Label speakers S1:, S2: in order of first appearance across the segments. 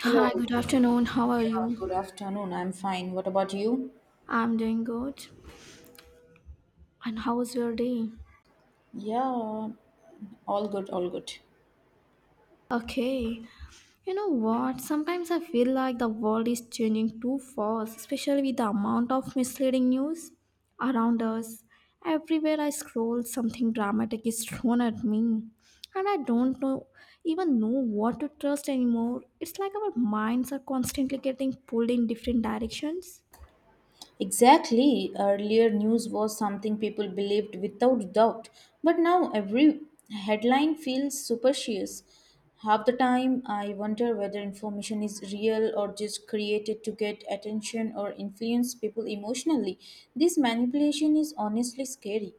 S1: Hi, good
S2: Hello.
S1: afternoon. How are
S2: Yeah, good
S1: you?
S2: afternoon. I'm fine. What about you?
S1: I'm doing good. And how was your day?
S2: Yeah, all good, all good.
S1: Okay. You know what? Sometimes I feel like the world is changing too fast, especially with the amount of misleading news around us. Everywhere I scroll, something dramatic is thrown at me, and I don't know even know what to trust anymore. It's like our minds are constantly getting pulled in different directions.
S2: Exactly. Earlier news was something people believed without doubt, but now every headline feels superstitious. Half the time, I wonder whether information is real or just created to get attention or influence people emotionally. This manipulation is honestly scary.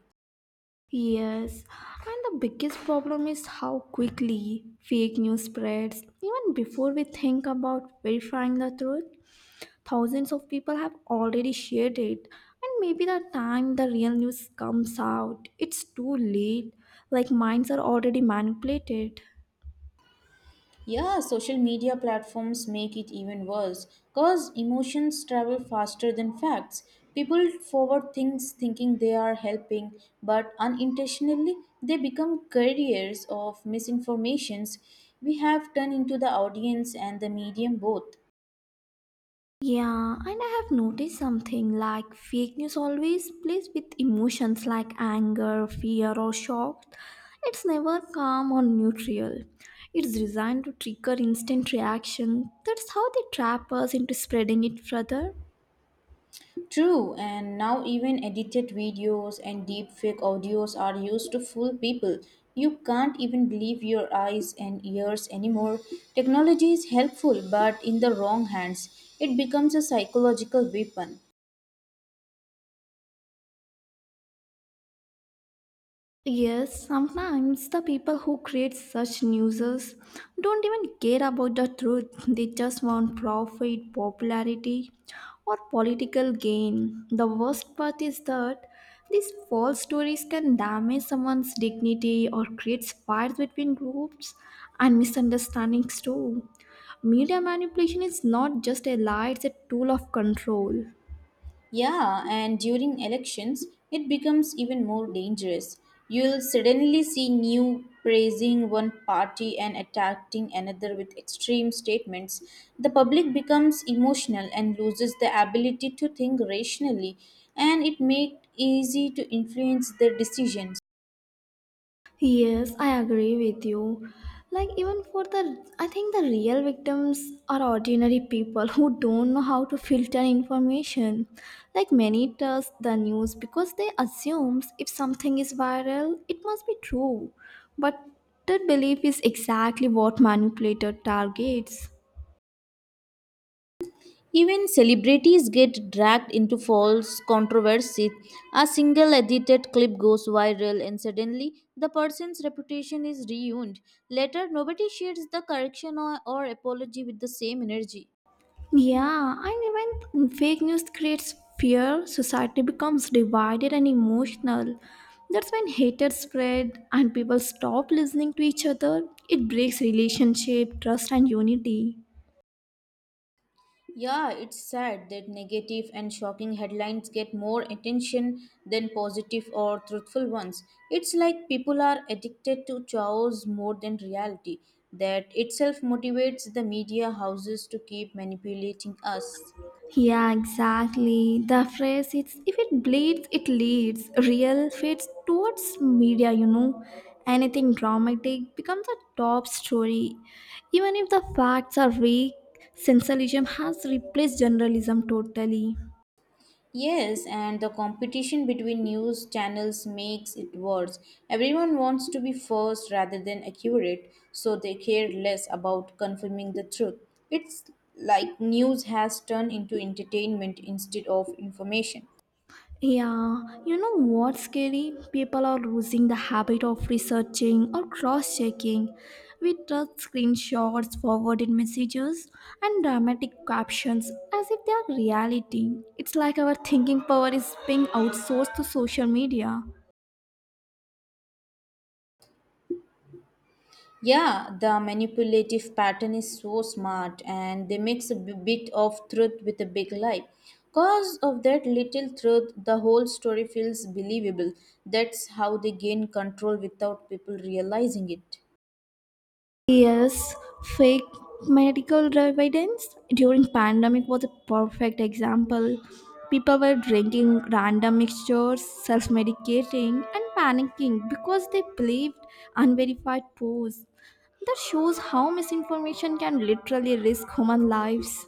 S1: Yes, and the biggest problem is how quickly fake news spreads. Even before we think about verifying the truth, thousands of people have already shared it. And maybe the time the real news comes out, it's too late. Like minds are already manipulated.
S2: Yeah, social media platforms make it even worse because emotions travel faster than facts. People forward things thinking they are helping, but unintentionally they become carriers of misinformations. We have turned into the audience and the medium both.
S1: Yeah, and I have noticed something like fake news always plays with emotions like anger, fear, or shock. It's never calm or neutral. It's designed to trigger instant reaction. That's how they trap us into spreading it further.
S2: True, and now even edited videos and deepfake audios are used to fool people. You can't even believe your eyes and ears anymore. Technology is helpful, but in the wrong hands, it becomes a psychological weapon.
S1: Yes, sometimes the people who create such newses don't even care about the truth. They just want profit, popularity, or political gain. The worst part is that these false stories can damage someone's dignity or create fights between groups and misunderstandings too. Media manipulation is not just a lie, it's a tool of control.
S2: Yeah, and during elections, it becomes even more dangerous. You'll suddenly see new praising one party and attacking another with extreme statements. The public becomes emotional and loses the ability to think rationally, and it makes easy to influence their decisions.
S1: Yes, I agree with you. Like, even for the, I think the real victims are ordinary people who don't know how to filter information. Like, many trust the news because they assumes if something is viral, it must be true. But that belief is exactly what manipulator targets.
S2: Even celebrities get dragged into false controversy. A single edited clip goes viral, and suddenly the person's reputation is ruined. Later, nobody shares the correction or apology with the same energy.
S1: Yeah, and even fake news creates fear, society becomes divided and emotional. That's when hatred spread and people stop listening to each other. It breaks relationship, trust and unity.
S2: Yeah, it's sad that negative and shocking headlines get more attention than positive or truthful ones. It's like people are addicted to chaos more than reality. That itself motivates the media houses to keep manipulating us.
S1: Yeah, exactly. The phrase it's if it bleeds, it leads. Real fades towards media, you know. Anything dramatic becomes a top story. Even if the facts are weak, sensationalism has replaced journalism totally.
S2: Yes, and the competition between news channels makes it worse. Everyone wants to be first rather than accurate, so they care less about confirming the truth. It's like news has turned into entertainment instead of information.
S1: Yeah, you know what's scary? People are losing the habit of researching or cross checking. We trust screenshots, forwarded messages, and dramatic captions as if they are reality. It's like our thinking power is being outsourced to social media.
S2: Yeah, the manipulative pattern is so smart and they mix a bit of truth with a big lie. Cause of that little truth, the whole story feels believable. That's how they gain control without people realizing it.
S1: Yes, fake medical evidence during pandemic was a perfect example. People were drinking random mixtures, self-medicating, and panicking because they believed unverified posts. That shows how misinformation can literally risk human lives.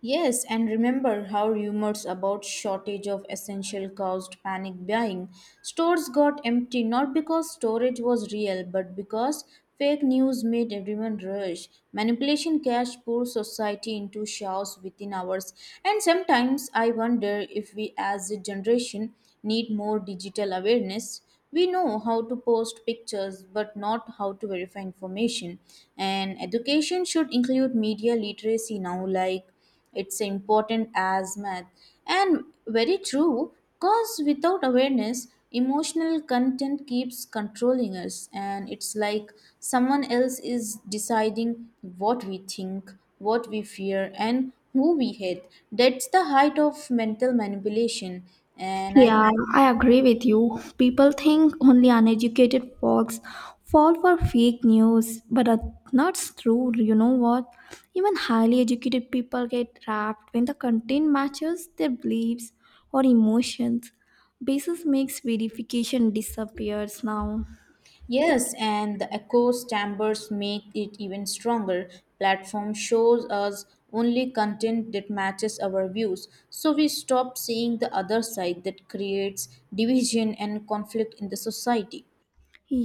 S2: Yes, and remember how rumors about shortage of essential caused panic buying. Stores got empty not because storage was real, but because fake news made everyone rush. Manipulation cashed poor society into chaos within hours. And sometimes I wonder if we as a generation need more digital awareness. We know how to post pictures, but not how to verify information. And education should include media literacy now, like it's important as math and very true because without awareness emotional content keeps controlling us and it's like someone else is deciding what we think what we fear and who we hate that's the height of mental manipulation and I.
S1: Yeah, I agree with you. People think only uneducated folks fall for fake news, but that's true. You know what? Even highly educated people get trapped when the content matches their beliefs or emotions. Basis makes verification disappears now.
S2: Yes, and the echo chambers make it even stronger. Platform shows us only content that matches our views, so we stop seeing the other side that creates division and conflict in the society.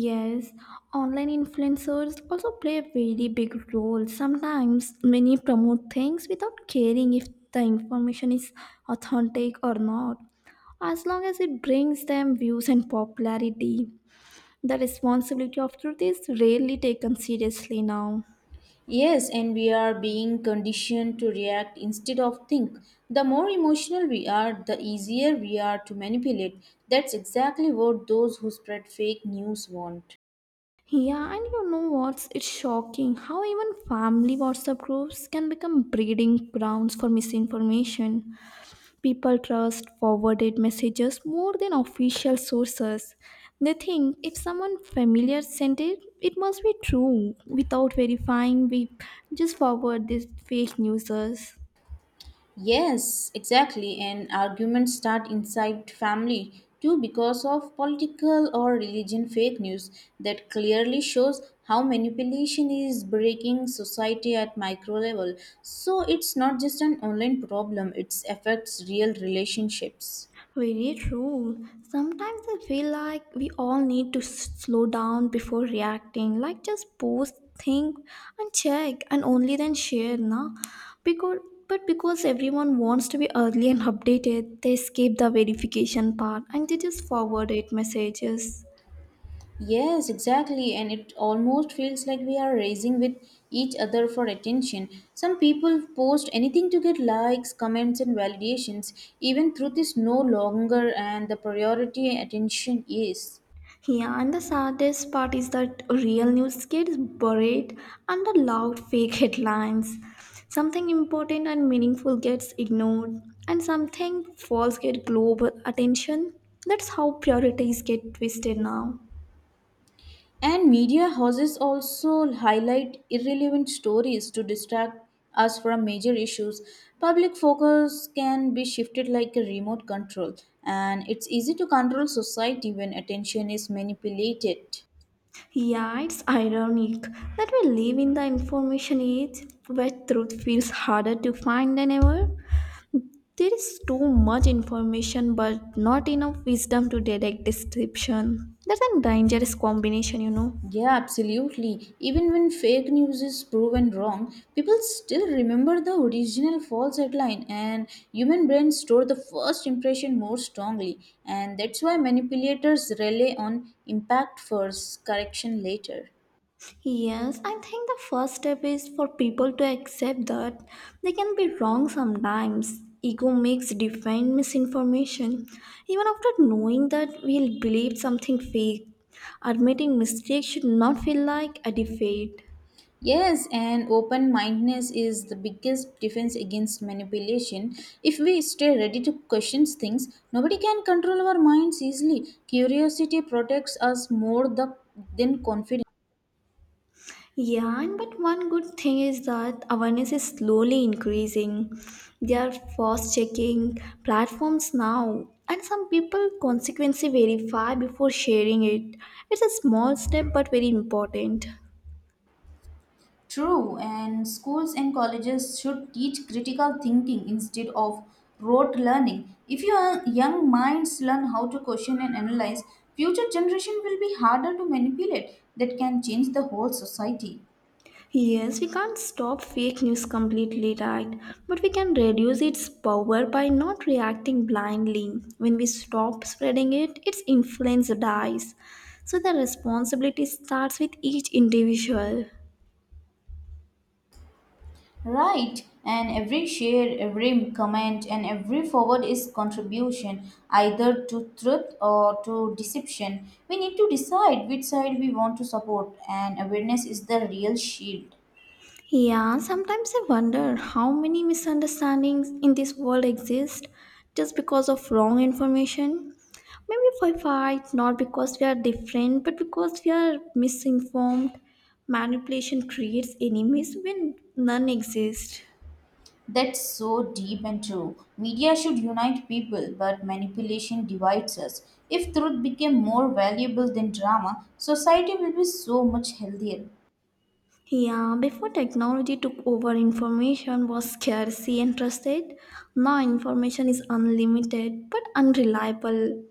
S1: Yes, online influencers also play a very big role. Sometimes many promote things without caring if the information is authentic or not. As long as it brings them views and popularity, the responsibility of truth is rarely taken seriously now.
S2: Yes, and we are being conditioned to react instead of think. The more emotional we are, the easier we are to manipulate. That's exactly what those who spread fake news want.
S1: Yeah, and you know what's it's shocking how even family WhatsApp groups can become breeding grounds for misinformation. People trust forwarded messages more than official sources. They think if someone familiar sent it, it must be true. Without verifying, we just forward these fake news.
S2: Yes, exactly. And arguments start inside family too because of political or religion fake news that clearly shows how manipulation is breaking society at micro level. So it's not just an online problem, it affects real relationships.
S1: Very true. Sometimes I feel like we all need to slow down before reacting. Like just pause, think, and check, and only then share, na? Because because everyone wants to be early and updated, they skip the verification part and they just forward it messages.
S2: Yes, exactly. And it almost feels like we are racing with each other for attention. Some people post anything to get likes, comments, and validations. Even truth is no longer, and the priority attention is.
S1: Yeah, and the saddest part is that real news gets buried under loud fake headlines. Something important and meaningful gets ignored, and something false gets global attention. That's how priorities get twisted now.
S2: And media houses also highlight irrelevant stories to distract us from major issues. Public focus can be shifted like a remote control, and it's easy to control society when attention is manipulated.
S1: Yeah, it's ironic that we live in the information age where truth feels harder to find than ever. There is too much information, but not enough wisdom to direct description. That's a dangerous combination, you know.
S2: Yeah, absolutely. Even when fake news is proven wrong, people still remember the original false headline and human brains store the first impression more strongly and that's why manipulators rely on impact first, correction later.
S1: Yes, I think the first step is for people to accept that they can be wrong sometimes. Ego makes defend misinformation. Even after knowing that we'll believe something fake, admitting mistakes should not feel like a defeat.
S2: Yes, and open mindedness is the biggest defense against manipulation. If we stay ready to question things, nobody can control our minds easily. Curiosity protects us than confidence.
S1: Yeah, and but one good thing is that awareness is slowly increasing. There are fast checking platforms now, and some people consequently verify before sharing it. It's a small step but very important.
S2: True, and schools and colleges should teach critical thinking instead of rote learning. If your young minds learn how to question and analyze, future generation will be harder to manipulate. That can change the whole society.
S1: Yes, we can't stop fake news completely, right? But we can reduce its power by not reacting blindly. When we stop spreading it, its influence dies. So the responsibility starts with each individual.
S2: Right, and every share, every comment, and every forward is contribution, either to truth or to deception. We need to decide which side we want to support, and awareness is the real shield.
S1: Yeah, sometimes I wonder how many misunderstandings in this world exist just because of wrong information. Maybe we fight not because we are different, but because we are misinformed. Manipulation creates enemies when none exist.
S2: That's so deep and true. Media should unite people, but manipulation divides us. If truth became more valuable than drama, society will be so much healthier.
S1: Yeah, before technology took over, information was scarcity and trusted. Now information is unlimited but unreliable.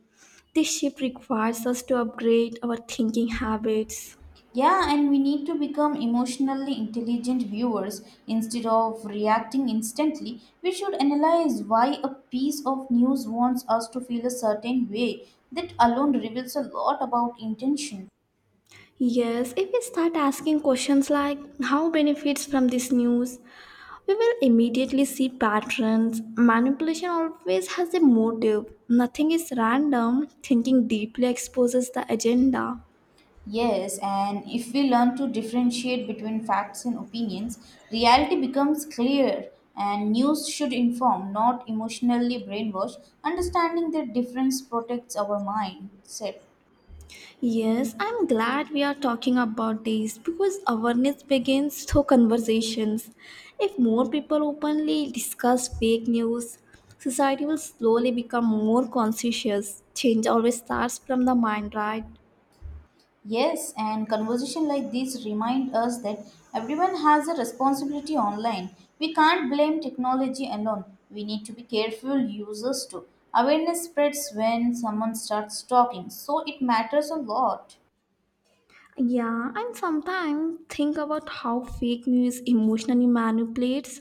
S1: This shift requires us to upgrade our thinking habits.
S2: Yeah, and we need to become emotionally intelligent viewers. Instead of reacting instantly, we should analyze why a piece of news wants us to feel a certain way. That alone reveals a lot about intention.
S1: Yes, if we start asking questions like how benefits from this news, we will immediately see patterns. Manipulation always has a motive. Nothing is random. Thinking deeply exposes the agenda.
S2: Yes, and if we learn to differentiate between facts and opinions, reality becomes clear and news should inform, not emotionally brainwash. Understanding the difference protects our mindset.
S1: Yes, I'm glad we are talking about this because awareness begins through conversations. If more people openly discuss fake news, society will slowly become more conscious. Change always starts from the mind, right?
S2: Yes, and conversation like this remind us that everyone has a responsibility online. We can't blame technology alone. We need to be careful users too. Awareness spreads when someone starts talking, so it matters a lot.
S1: Yeah, and sometimes think about how fake news emotionally manipulates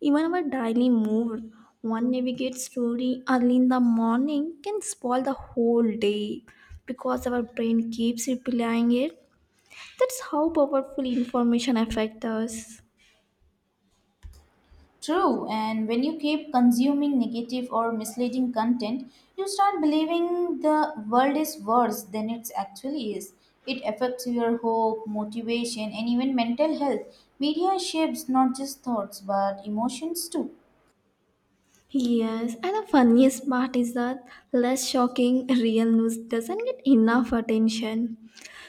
S1: even our daily mood. One navigate story early in the morning can spoil the whole day because our brain keeps replaying it. That's how powerful information affects us.
S2: True, and when you keep consuming negative or misleading content, you start believing the world is worse than it actually is. It affects your hope, motivation, and even mental health. Media shapes not just thoughts but emotions too.
S1: Yes, and the funniest part is that less shocking real news doesn't get enough attention.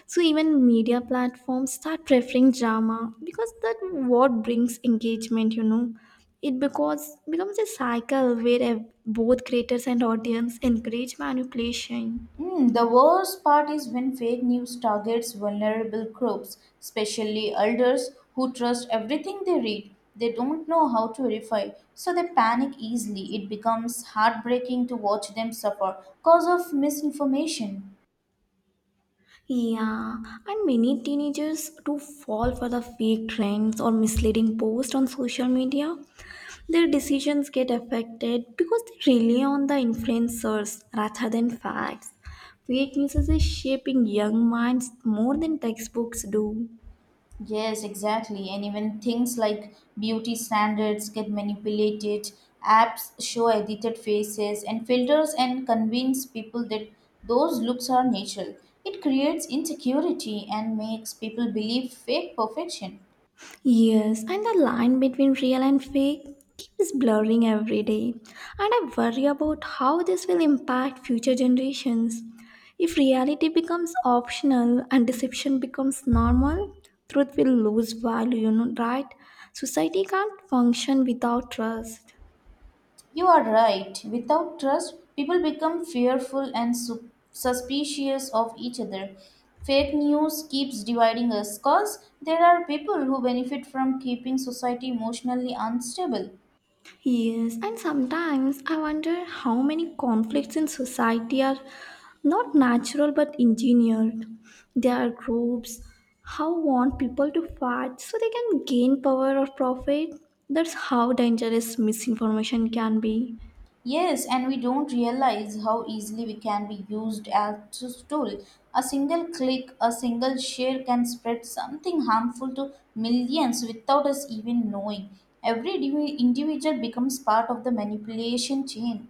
S1: So even media platforms start preferring drama because that what brings engagement, you know. It because becomes a cycle where both creators and audience encourage manipulation.
S2: Hmm, the worst part is when fake news targets vulnerable groups, especially elders who trust everything they read. They don't know how to verify, so they panic easily. It becomes heartbreaking to watch them suffer because of misinformation.
S1: Yeah, and many teenagers do fall for the fake trends or misleading posts on social media. Their decisions get affected because they rely on the influencers rather than facts. Fake news is shaping young minds more than textbooks do.
S2: Yes, exactly. And even things like beauty standards get manipulated, apps show edited faces and filters and convince people that those looks are natural. It creates insecurity and makes people believe fake perfection.
S1: Yes, and the line between real and fake keeps blurring every day. And I worry about how this will impact future generations. If reality becomes optional and deception becomes normal, truth will lose value, you know, right? Society can't function without trust.
S2: You are right. Without trust, people become fearful and suspicious of each other. Fake news keeps dividing us because there are people who benefit from keeping society emotionally unstable.
S1: Yes, and sometimes I wonder how many conflicts in society are not natural but engineered. There are groups how want people to fight so they can gain power or profit. That's how dangerous misinformation can be.
S2: Yes, and we don't realize how easily we can be used as a tool. A single click, a single share can spread something harmful to millions without us even knowing. Every individual becomes part of the manipulation chain.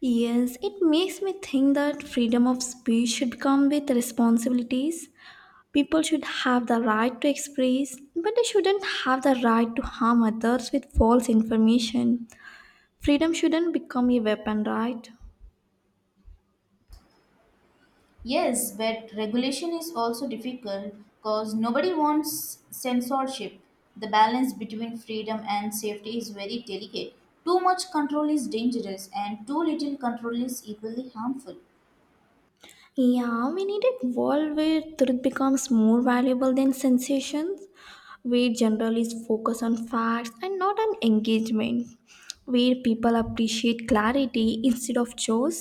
S1: Yes, it makes me think that freedom of speech should come with responsibilities. People should have the right to express, but they shouldn't have the right to harm others with false information. Freedom shouldn't become a weapon, right?
S2: Yes, but regulation is also difficult because nobody wants censorship. The balance between freedom and safety is very delicate. Too much control is dangerous, and too little control is equally harmful.
S1: Yeah, we need a world where truth becomes more valuable than sensations, where journalists focus on facts and not on engagement, where people appreciate clarity instead of chores.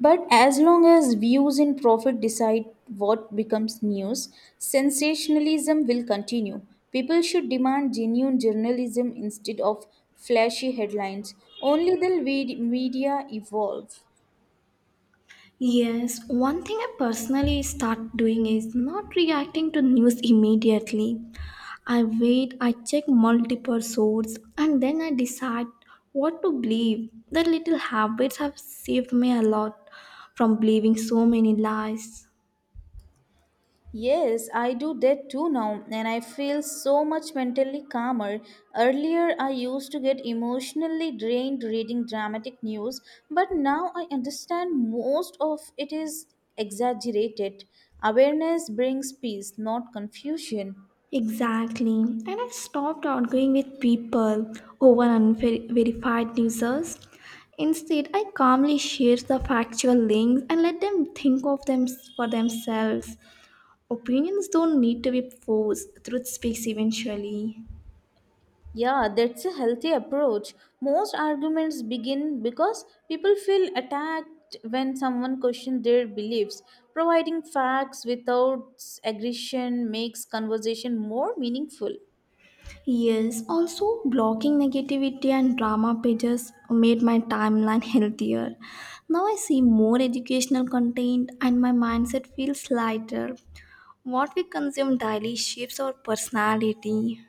S2: But as long as views and profit decide what becomes news, sensationalism will continue. People should demand genuine journalism instead of flashy headlines. Only then will media evolve.
S1: Yes, one thing I personally start doing is not reacting to news immediately. I wait, I check multiple sources, and then I decide what to believe. The little habits have saved me a lot from believing so many lies.
S2: Yes, I do that too now, and I feel so much mentally calmer. Earlier, I used to get emotionally drained reading dramatic news, but now I understand most of it is exaggerated. Awareness brings peace, not confusion.
S1: Exactly, and I stopped arguing with people over unverified newsers. Instead, I calmly share the factual links and let them think of them for themselves. Opinions don't need to be forced, truth speaks eventually.
S2: Yeah, that's a healthy approach. Most arguments begin because people feel attacked when someone questions their beliefs. Providing facts without aggression makes conversation more meaningful.
S1: Yes, also blocking negativity and drama pages made my timeline healthier. Now I see more educational content and my mindset feels lighter. What we consume daily shapes our personality.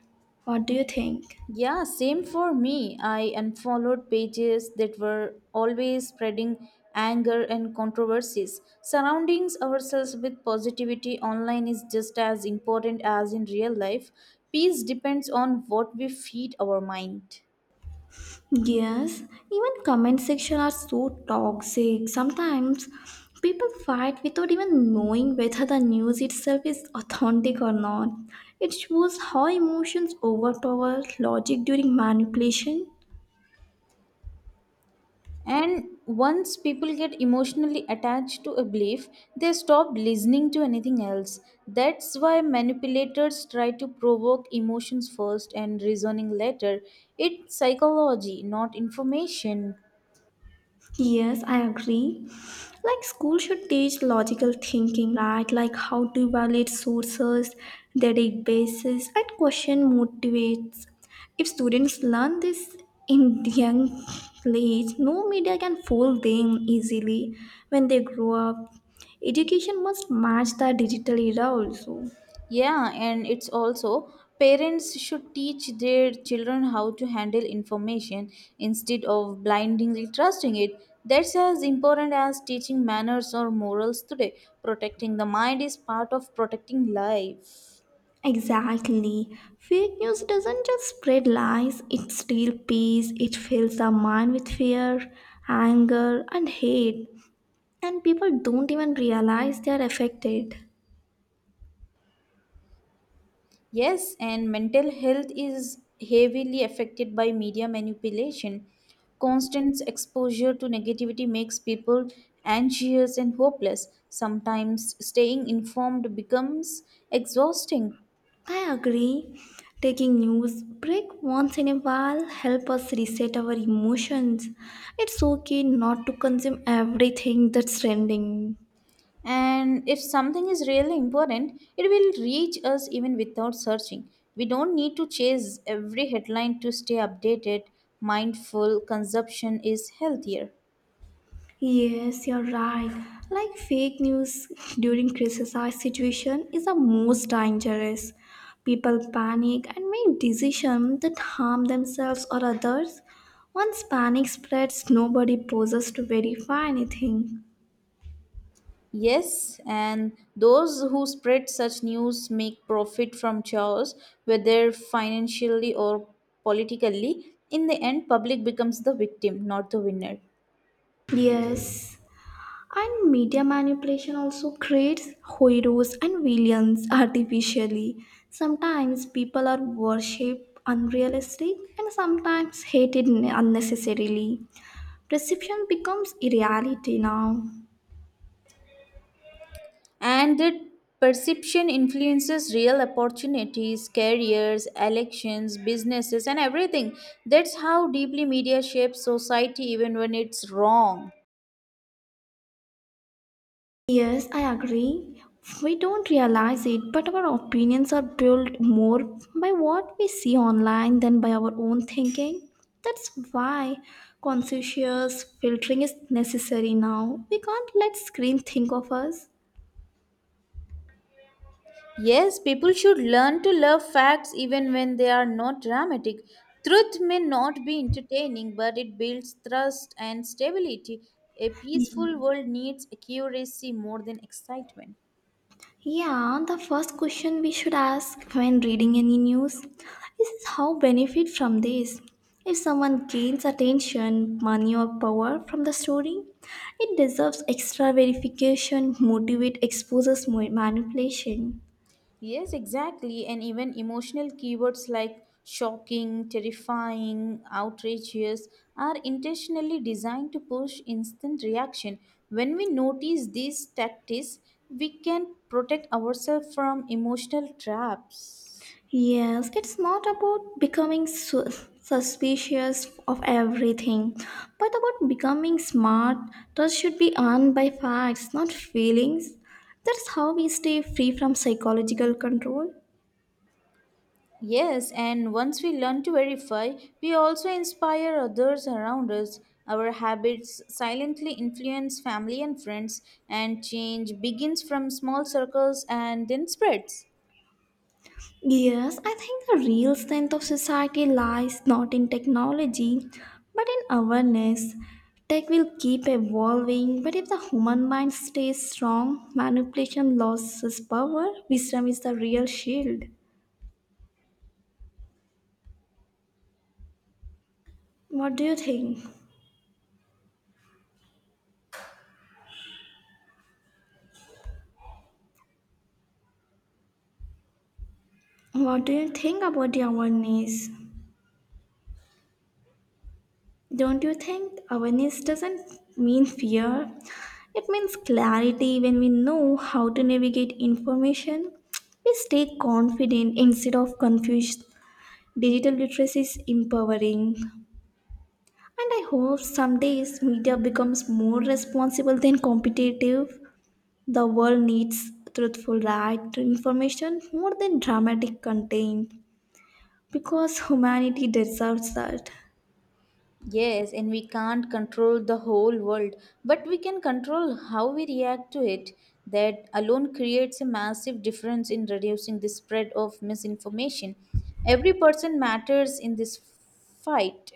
S1: What do you think?
S2: Yeah, same for me. I unfollowed pages that were always spreading anger and controversies. Surrounding ourselves with positivity online is just as important as in real life. Peace depends on what we feed our mind.
S1: Yes, even comment section are so toxic. Sometimes people fight without even knowing whether the news itself is authentic or not. It shows how emotions overpower logic during manipulation.
S2: And once people get emotionally attached to a belief, they stop listening to anything else. That's why manipulators try to provoke emotions first and reasoning later. It's psychology, not information.
S1: Yes, I agree. Like school should teach logical thinking, right? Like how to evaluate sources, their databases, and question motivates. If students learn this in young age, no media can fool them easily when they grow up. Education must match the digital era also.
S2: Yeah, and it's also parents should teach their children how to handle information instead of blindly trusting it. That's as important as teaching manners or morals today. Protecting the mind is part of protecting life.
S1: Exactly. Fake news doesn't just spread lies, it steals peace, it fills the mind with fear, anger, and hate, and people don't even realize they are affected.
S2: Yes, and mental health is heavily affected by media manipulation. Constant exposure to negativity makes people anxious and hopeless. Sometimes staying informed becomes exhausting.
S1: I agree. Taking news break once in a while help us reset our emotions. It's okay not to consume everything that's trending.
S2: And if something is really important, it will reach us even without searching. We don't need to chase every headline to stay updated. Mindful consumption is healthier.
S1: Yes, you're right. Like fake news during crisis situation is the most dangerous. People panic and make decisions that harm themselves or others. Once panic spreads, nobody pauses to verify anything.
S2: Yes, and those who spread such news make profit from chaos, whether financially or politically. In the end, public becomes the victim, not the winner.
S1: Yes, and media manipulation also creates heroes and villains artificially. Sometimes people are worshipped unrealistic and sometimes hated unnecessarily. Perception becomes a reality now.
S2: And that perception influences real opportunities, careers, elections, businesses, and everything. That's how deeply media shapes society, even when it's wrong.
S1: Yes, I agree. We don't realize it, but our opinions are built more by what we see online than by our own thinking. That's why conscientious filtering is necessary now. We can't let screen think of us.
S2: Yes, people should learn to love facts even when they are not dramatic. Truth may not be entertaining, but it builds trust and stability. A peaceful world needs accuracy more than excitement.
S1: Yeah, the first question we should ask when reading any news is how benefit from this. If someone gains attention, money or power from the story, it deserves extra verification, motivate exposes manipulation.
S2: Yes, exactly. And even emotional keywords like shocking, terrifying, outrageous are intentionally designed to push instant reaction. When we notice these tactics, we can protect ourselves from emotional traps.
S1: Yes, it's not about becoming suspicious of everything, but about becoming smart. Trust should be earned by facts, not feelings. That's how we stay free from psychological control.
S2: Yes, and once we learn to verify, we also inspire others around us. Our habits silently influence family and friends, and change begins from small circles and then spreads.
S1: Yes, I think the real strength of society lies not in technology, but in awareness. Tech will keep evolving, but if the human mind stays strong, manipulation loses power, wisdom is the real shield. What do you think? What do you think about the awareness? Don't you think awareness doesn't mean fear? It means clarity when we know how to navigate information. We stay confident instead of confused. Digital literacy is empowering. And I hope some days media becomes more responsible than competitive. The world needs truthful right information more than dramatic content. Because humanity deserves that.
S2: Yes, and we can't control the whole world, but we can control how we react to it. That alone creates a massive difference in reducing the spread of misinformation. Every person matters in this fight.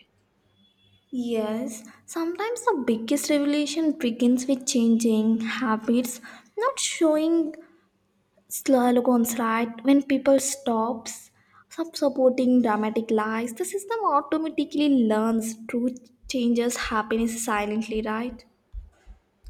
S1: Yes, sometimes the biggest revelation begins with changing habits, not showing slogans right when people stop supporting dramatic lies. The system automatically learns truth changes happiness silently, right?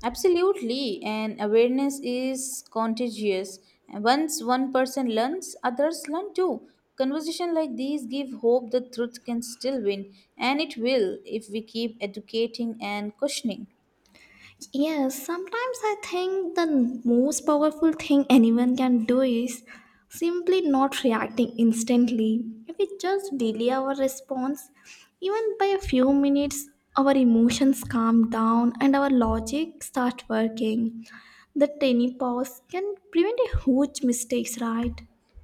S2: Absolutely, and awareness is contagious. And once one person learns, others learn too. Conversation like these give hope the truth can still win, and it will if we keep educating and questioning.
S1: Yes, sometimes I think the most powerful thing anyone can do is simply not reacting instantly. If we just delay our response, even by a few minutes, our emotions calm down and our logic start working. The tiny pause can prevent a huge mistakes, right?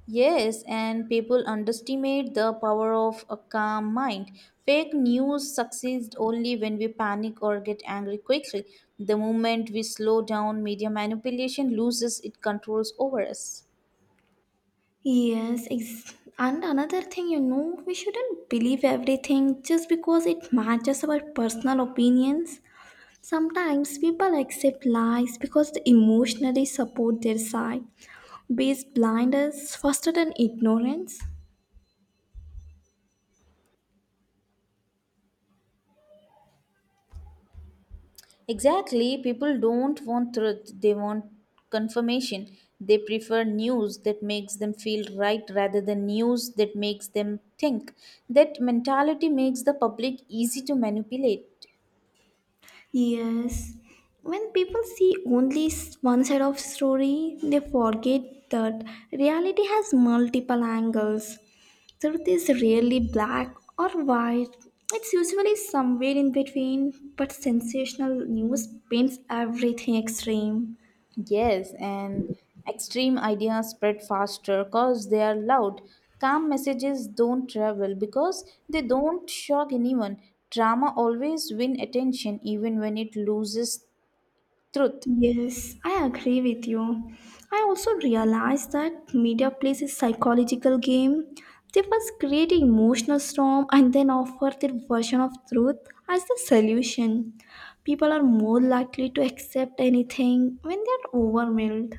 S2: Yes, and people underestimate the power of a calm mind. Fake news succeeds only when we panic or get angry quickly. The moment we slow down, media manipulation loses its controls over us.
S1: Yes, and another thing, you know, we shouldn't believe everything just because it matches our personal opinions. Sometimes people accept lies because they emotionally support their side, base blindness faster than ignorance.
S2: Exactly, people don't want truth, they want confirmation. They prefer news that makes them feel right rather than news that makes them think. That mentality makes the public easy to manipulate.
S1: Yes, when people see only one side of story, they forget that reality has multiple angles. Truth is rarely black or white. It's usually somewhere in between, but sensational news paints everything extreme.
S2: Yes, and extreme ideas spread faster because they are loud. Calm messages don't travel because they don't shock anyone. Drama always win attention even when it loses truth.
S1: Yes, I agree with you. I also realized that media plays a psychological game. They first create an emotional storm and then offer their version of truth as the solution. People are more likely to accept anything when they are overwhelmed.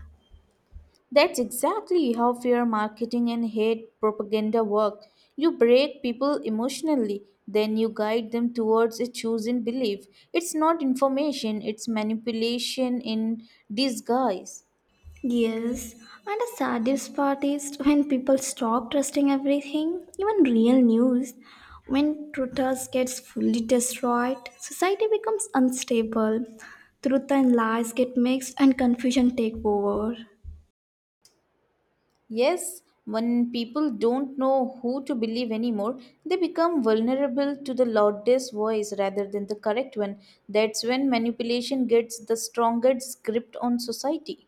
S2: That's exactly how fear marketing and hate propaganda work. You break people emotionally, then you guide them towards a chosen belief. It's not information, it's manipulation in disguise.
S1: Yes, and the saddest part is when people stop trusting everything, even real news. When truthers gets fully destroyed, society becomes unstable. Truth and lies get mixed and confusion take over.
S2: Yes, when people don't know who to believe anymore, they become vulnerable to the loudest voice rather than the correct one. That's when manipulation gets the strongest grip on society.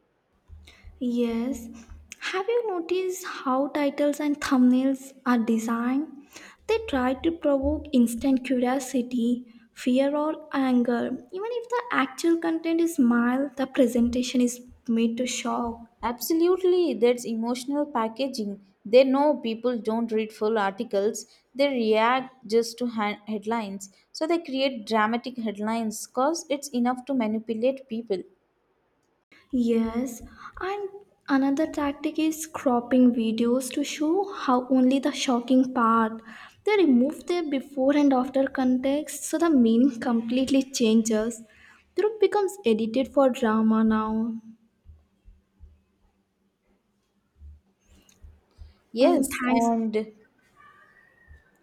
S1: Yes. Have you noticed how titles and thumbnails are designed? They try to provoke instant curiosity, fear, or anger. Even if the actual content is mild, the presentation is made to shock.
S2: Absolutely, that's emotional packaging. They know people don't read full articles, they react just to headlines. So they create dramatic headlines because it's enough to manipulate people.
S1: Yes, and another tactic is cropping videos to show how only the shocking part. They remove the before and after context so the meaning completely changes. Truth becomes edited for drama now. And
S2: Yes,
S1: thanks,
S2: and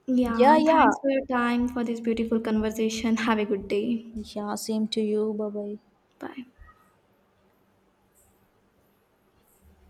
S1: yeah,
S2: yeah,
S1: and
S2: yeah,
S1: thanks for your time for this beautiful conversation. Have a good day.
S2: yeah, same to you. Bye bye.
S1: Bye.